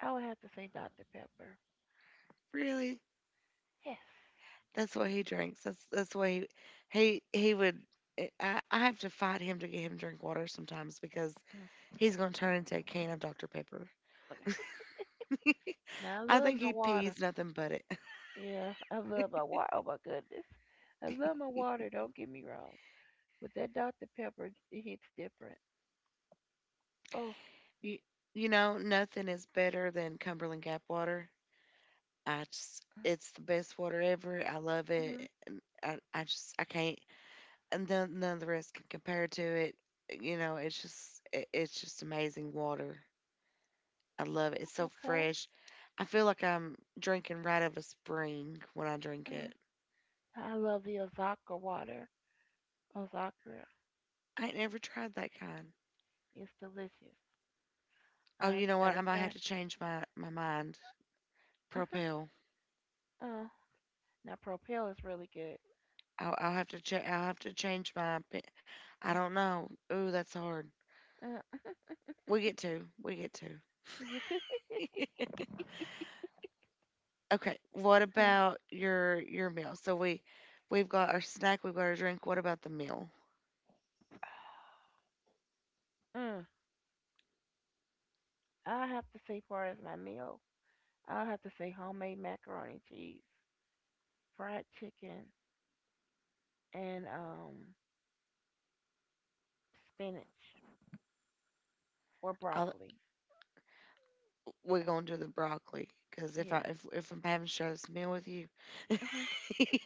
[SPEAKER 2] I would have to say doctor Pepper.
[SPEAKER 1] Really,
[SPEAKER 2] Yes.
[SPEAKER 1] that's what he drinks. That's that's what he he he would. eh, I, I have to fight him to get him to drink water sometimes because
[SPEAKER 2] Mm.
[SPEAKER 1] he's going to turn into a can of Dr Pepper.
[SPEAKER 2] Now, I
[SPEAKER 1] I
[SPEAKER 2] love
[SPEAKER 1] think
[SPEAKER 2] my
[SPEAKER 1] he
[SPEAKER 2] water.
[SPEAKER 1] pees nothing but it.
[SPEAKER 2] Yeah, I love my water. Oh, my goodness. I love my water. Don't get me wrong. But that doctor Pepper, it hits different. Oh,
[SPEAKER 1] You, you know, nothing is better than Cumberland Gap water. I just, it's the best water ever. I love
[SPEAKER 2] mm-hmm.
[SPEAKER 1] it. And I, I just, I can't, and then none of the rest can compare to it. You know, it's just, it, it's just amazing water. I love it. It's so
[SPEAKER 2] Okay.
[SPEAKER 1] fresh. I feel like I'm drinking right out of a spring when I drink
[SPEAKER 2] Mm.
[SPEAKER 1] it.
[SPEAKER 2] I love the Osaka water. Osaka
[SPEAKER 1] I ain't never tried that kind.
[SPEAKER 2] is delicious.
[SPEAKER 1] Oh,
[SPEAKER 2] Uh,
[SPEAKER 1] you know what?
[SPEAKER 2] matter
[SPEAKER 1] I
[SPEAKER 2] of
[SPEAKER 1] might have
[SPEAKER 2] fact,
[SPEAKER 1] to change my, my mind. Propel.
[SPEAKER 2] oh, now Propel is really good.
[SPEAKER 1] I'll, I'll have to check. I'll have to change my. opi- I don't know. Ooh, that's hard.
[SPEAKER 2] Uh,
[SPEAKER 1] We get to. We get to.
[SPEAKER 2] you too.
[SPEAKER 1] Okay, what
[SPEAKER 2] Mm.
[SPEAKER 1] about your your meal? So we, we've got our snack, we've got our drink. What about the meal?
[SPEAKER 2] Mm. I have to say, far as my meal, I'll have to say homemade macaroni and cheese, fried chicken, and um spinach or
[SPEAKER 1] I'll,
[SPEAKER 2] broccoli.
[SPEAKER 1] we're gonna do the broccoli because if I
[SPEAKER 2] Yeah.
[SPEAKER 1] if if I'm having to share this meal with you,
[SPEAKER 2] Mhm.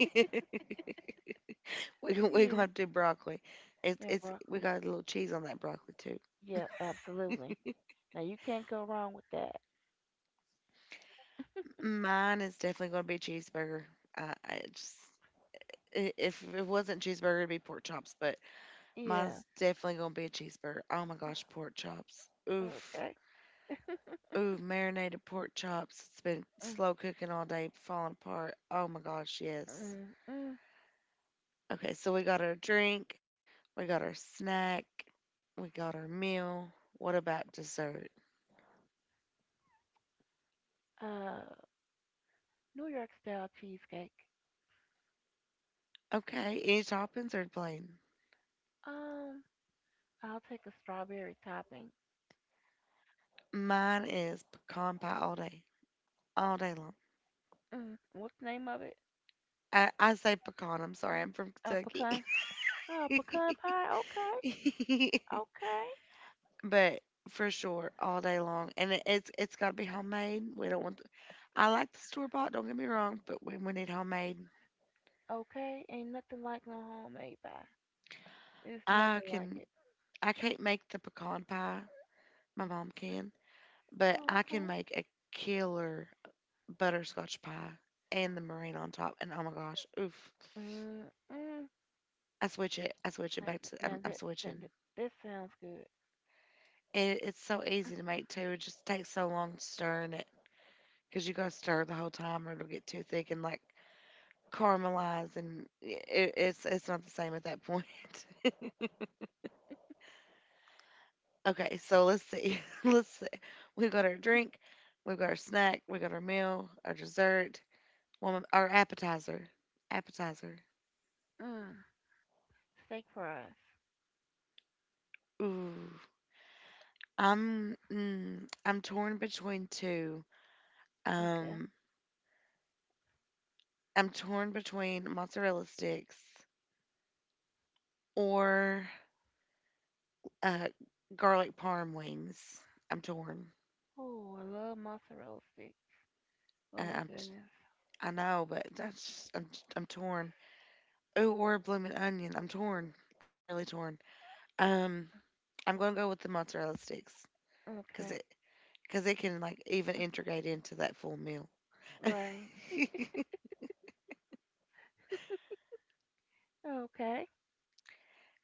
[SPEAKER 1] we gon- we
[SPEAKER 2] Yeah.
[SPEAKER 1] gonna have to do broccoli. It's
[SPEAKER 2] Yeah,
[SPEAKER 1] it's we
[SPEAKER 2] broccoli.
[SPEAKER 1] got a little cheese on that broccoli too.
[SPEAKER 2] Yeah, absolutely. Now you can't go wrong with that.
[SPEAKER 1] Mine is definitely gonna be cheeseburger. I, I just i- if it wasn't cheeseburger, it'd be pork chops, but
[SPEAKER 2] Yeah.
[SPEAKER 1] mine's definitely gonna be a cheeseburger. Oh my gosh, pork chops. Oof.
[SPEAKER 2] Okay.
[SPEAKER 1] Ooh, marinated pork chops. It's been
[SPEAKER 2] Mm.
[SPEAKER 1] slow cooking all day, falling apart. Oh my gosh, yes.
[SPEAKER 2] Mm-mm.
[SPEAKER 1] Okay, so we got our drink, we got our snack, we got our meal. What about dessert?
[SPEAKER 2] Uh, New York style cheesecake.
[SPEAKER 1] Okay, any toppings are plain?
[SPEAKER 2] Um, I'll take a strawberry topping.
[SPEAKER 1] Mine is pecan pie all day, all day long.
[SPEAKER 2] Mm, what's the name of it?
[SPEAKER 1] I, I say pecan. I'm sorry, I'm from
[SPEAKER 2] Uh,
[SPEAKER 1] Kentucky.
[SPEAKER 2] pecan. Oh, pecan pie. Okay, okay,
[SPEAKER 1] But for sure, all day long, and it, it's it's got to be homemade. We don't want, I like the store bought, don't get me wrong, but when we need homemade,
[SPEAKER 2] okay. Ain't nothing like no homemade pie. It's nothing
[SPEAKER 1] I
[SPEAKER 2] like
[SPEAKER 1] can
[SPEAKER 2] it.
[SPEAKER 1] I can't make the pecan pie. My mom can, but
[SPEAKER 2] Oh,
[SPEAKER 1] I can
[SPEAKER 2] okay.
[SPEAKER 1] make a killer butterscotch pie and the meringue on top. And oh my gosh, oof!
[SPEAKER 2] Mm, mm.
[SPEAKER 1] I switch it. I switch it
[SPEAKER 2] Now, th-
[SPEAKER 1] back to.
[SPEAKER 2] now
[SPEAKER 1] I'm, I'm
[SPEAKER 2] that, that,
[SPEAKER 1] switching.
[SPEAKER 2] that this sounds good.
[SPEAKER 1] It, it's so easy to make too. It just takes so long to stir in it because you gotta stir the whole time, or it'll get too thick and like caramelize, and it, it's it's not the same at that point. Okay, so let's see. Let's, we've got our drink, we've got our snack, we got our meal, our dessert, one, our appetizer. Appetizer.
[SPEAKER 2] Mm, steak fries.
[SPEAKER 1] Ooh, I'm mm, I'm torn between two.
[SPEAKER 2] Okay.
[SPEAKER 1] Um, I'm torn between mozzarella sticks or uh, garlic parm wings. I'm torn.
[SPEAKER 2] Oh, I love mozzarella sticks.
[SPEAKER 1] Uh,
[SPEAKER 2] Oh my
[SPEAKER 1] I'm t-
[SPEAKER 2] goodness.
[SPEAKER 1] I know, but that's I'm I'm torn. Ooh, or a blooming onion. I'm torn. I'm really torn. Um, I'm gonna go with the mozzarella sticks because
[SPEAKER 2] Okay.
[SPEAKER 1] it, because it can, like, even integrate into that full meal.
[SPEAKER 2] Right. Okay.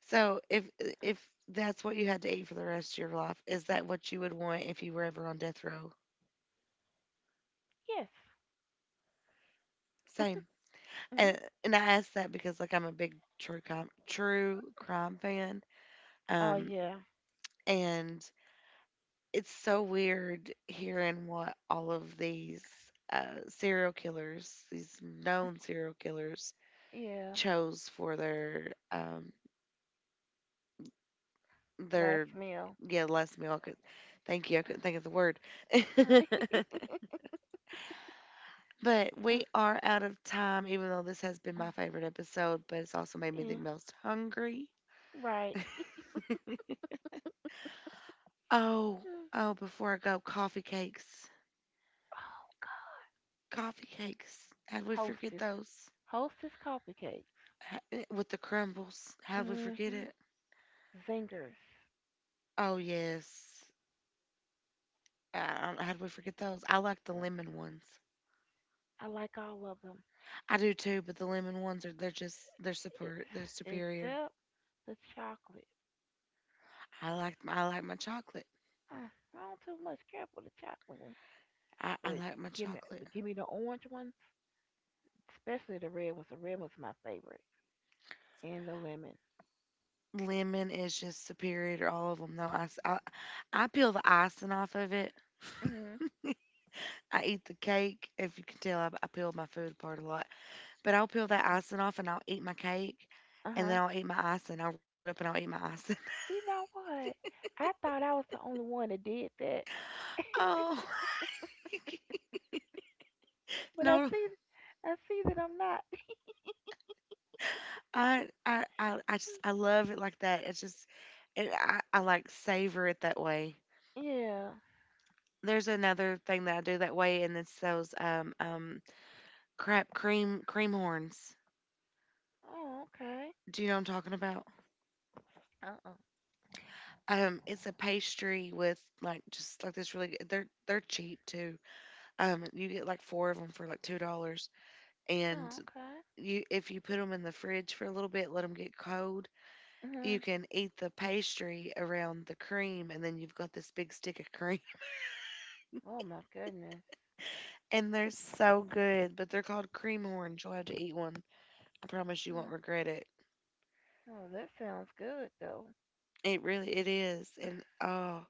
[SPEAKER 1] So if if that's what you had to eat for the rest of your life, is that what you would want if you were ever on death row?
[SPEAKER 2] Yes.
[SPEAKER 1] Same.
[SPEAKER 2] Mhm.
[SPEAKER 1] And, and I ask that because, like, I'm a big true crime true crime fan.
[SPEAKER 2] Oh
[SPEAKER 1] Um,
[SPEAKER 2] yeah,
[SPEAKER 1] and it's so weird hearing what all of these uh, serial killers, these known serial killers,
[SPEAKER 2] yeah.
[SPEAKER 1] chose for their um, their
[SPEAKER 2] Last meal.
[SPEAKER 1] yeah, last meal. I could, thank you. I couldn't think of the word. But
[SPEAKER 2] Uh,
[SPEAKER 1] we are out of time. Even though this has been
[SPEAKER 2] uh,
[SPEAKER 1] my favorite episode, but it's also made me the
[SPEAKER 2] yeah,
[SPEAKER 1] most hungry.
[SPEAKER 2] right.
[SPEAKER 1] Oh
[SPEAKER 2] Mm.
[SPEAKER 1] oh! Before I go, coffee cakes.
[SPEAKER 2] Oh God,
[SPEAKER 1] Coffee cakes. How do we forget
[SPEAKER 2] hostess,
[SPEAKER 1] those?
[SPEAKER 2] hostess coffee cakes.
[SPEAKER 1] Ha- eh, With the crumbles. How do we forget
[SPEAKER 2] Mm-hmm.
[SPEAKER 1] it?
[SPEAKER 2] Zingers.
[SPEAKER 1] Oh yes. Uh, how do we forget those? I like the
[SPEAKER 2] Mm.
[SPEAKER 1] lemon ones.
[SPEAKER 2] I like all of them,
[SPEAKER 1] I do too, but the lemon ones are they're just they're
[SPEAKER 2] e-
[SPEAKER 1] super they're superior.
[SPEAKER 2] except the chocolate.
[SPEAKER 1] I like I like my chocolate.
[SPEAKER 2] Mm, I don't too much care for the chocolate ones,
[SPEAKER 1] I, I
[SPEAKER 2] but
[SPEAKER 1] like my
[SPEAKER 2] give me,
[SPEAKER 1] chocolate.
[SPEAKER 2] but give me the orange ones, especially the red ones. The red one's my favorite, and the lemon.
[SPEAKER 1] Lemon is just superior to all of them, though. I, s- I- I peel the icing off of it.
[SPEAKER 2] Mm-hmm.
[SPEAKER 1] I eat the cake. If you can tell, I, I peel my food apart a lot. But I'll peel that icing off and I'll eat my cake.
[SPEAKER 2] Uh
[SPEAKER 1] And
[SPEAKER 2] huh.
[SPEAKER 1] then I'll eat my icing. I'll roll it up and I'll eat my icing.
[SPEAKER 2] You know what? I thought I was the only one that did that,
[SPEAKER 1] Oh,
[SPEAKER 2] but I
[SPEAKER 1] no.
[SPEAKER 2] see, I see that I'm not.
[SPEAKER 1] I, I, I, I just, I love it like that. It's just, it, I, I like savor it that way.
[SPEAKER 2] Yeah.
[SPEAKER 1] There's another thing that I do that way, and it's those um, um, crab cream cream horns.
[SPEAKER 2] Oh, okay.
[SPEAKER 1] Do you know what I'm talking about?
[SPEAKER 2] Uh uh
[SPEAKER 1] Um, it's a pastry with like just like this really good. They're they're cheap too. Um, you get like four of them for like two dollars, and
[SPEAKER 2] Oh, okay.
[SPEAKER 1] you if you put them in the fridge for a little bit, let them get cold. You
[SPEAKER 2] Mhm.
[SPEAKER 1] can eat the pastry around the cream, and then you've got this big stick of cream,
[SPEAKER 2] Oh my goodness.
[SPEAKER 1] and they're so good. But they're called cream horns. You'll have to eat one. I promise you won't
[SPEAKER 2] Mm.
[SPEAKER 1] regret it.
[SPEAKER 2] Oh, that sounds good though.
[SPEAKER 1] It really it is, and oh,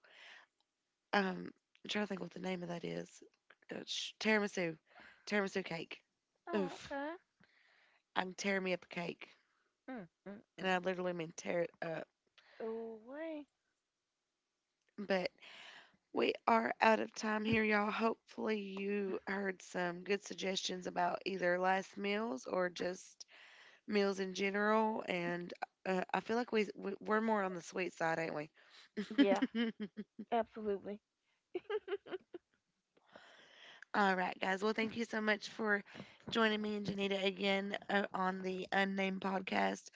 [SPEAKER 1] Um, I'm trying to think what the name of that is. Uh, sh- tiramisu, tiramisu cake.
[SPEAKER 2] Oh,
[SPEAKER 1] Oof,
[SPEAKER 2] okay.
[SPEAKER 1] I am tearing me up a cake,
[SPEAKER 2] Mm mm
[SPEAKER 1] and
[SPEAKER 2] mm.
[SPEAKER 1] I literally mean tear it up.
[SPEAKER 2] Oh, wait.
[SPEAKER 1] But we are out of time here, y'all. Hopefully, you heard some good suggestions about either last meals or just meals in general. And uh, I feel like we we- we're more on the sweet side, ain't we?
[SPEAKER 2] Yeah, absolutely.
[SPEAKER 1] All right, guys. Well, thank you so much for joining me and Janita again uh, on the Unnamed Podcast.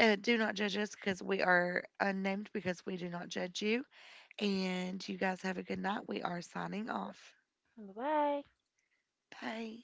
[SPEAKER 1] Uh, do not judge us because we are unnamed because we do not judge you. And you guys have a good night. We are signing off.
[SPEAKER 2] Bye bye.
[SPEAKER 1] Bye.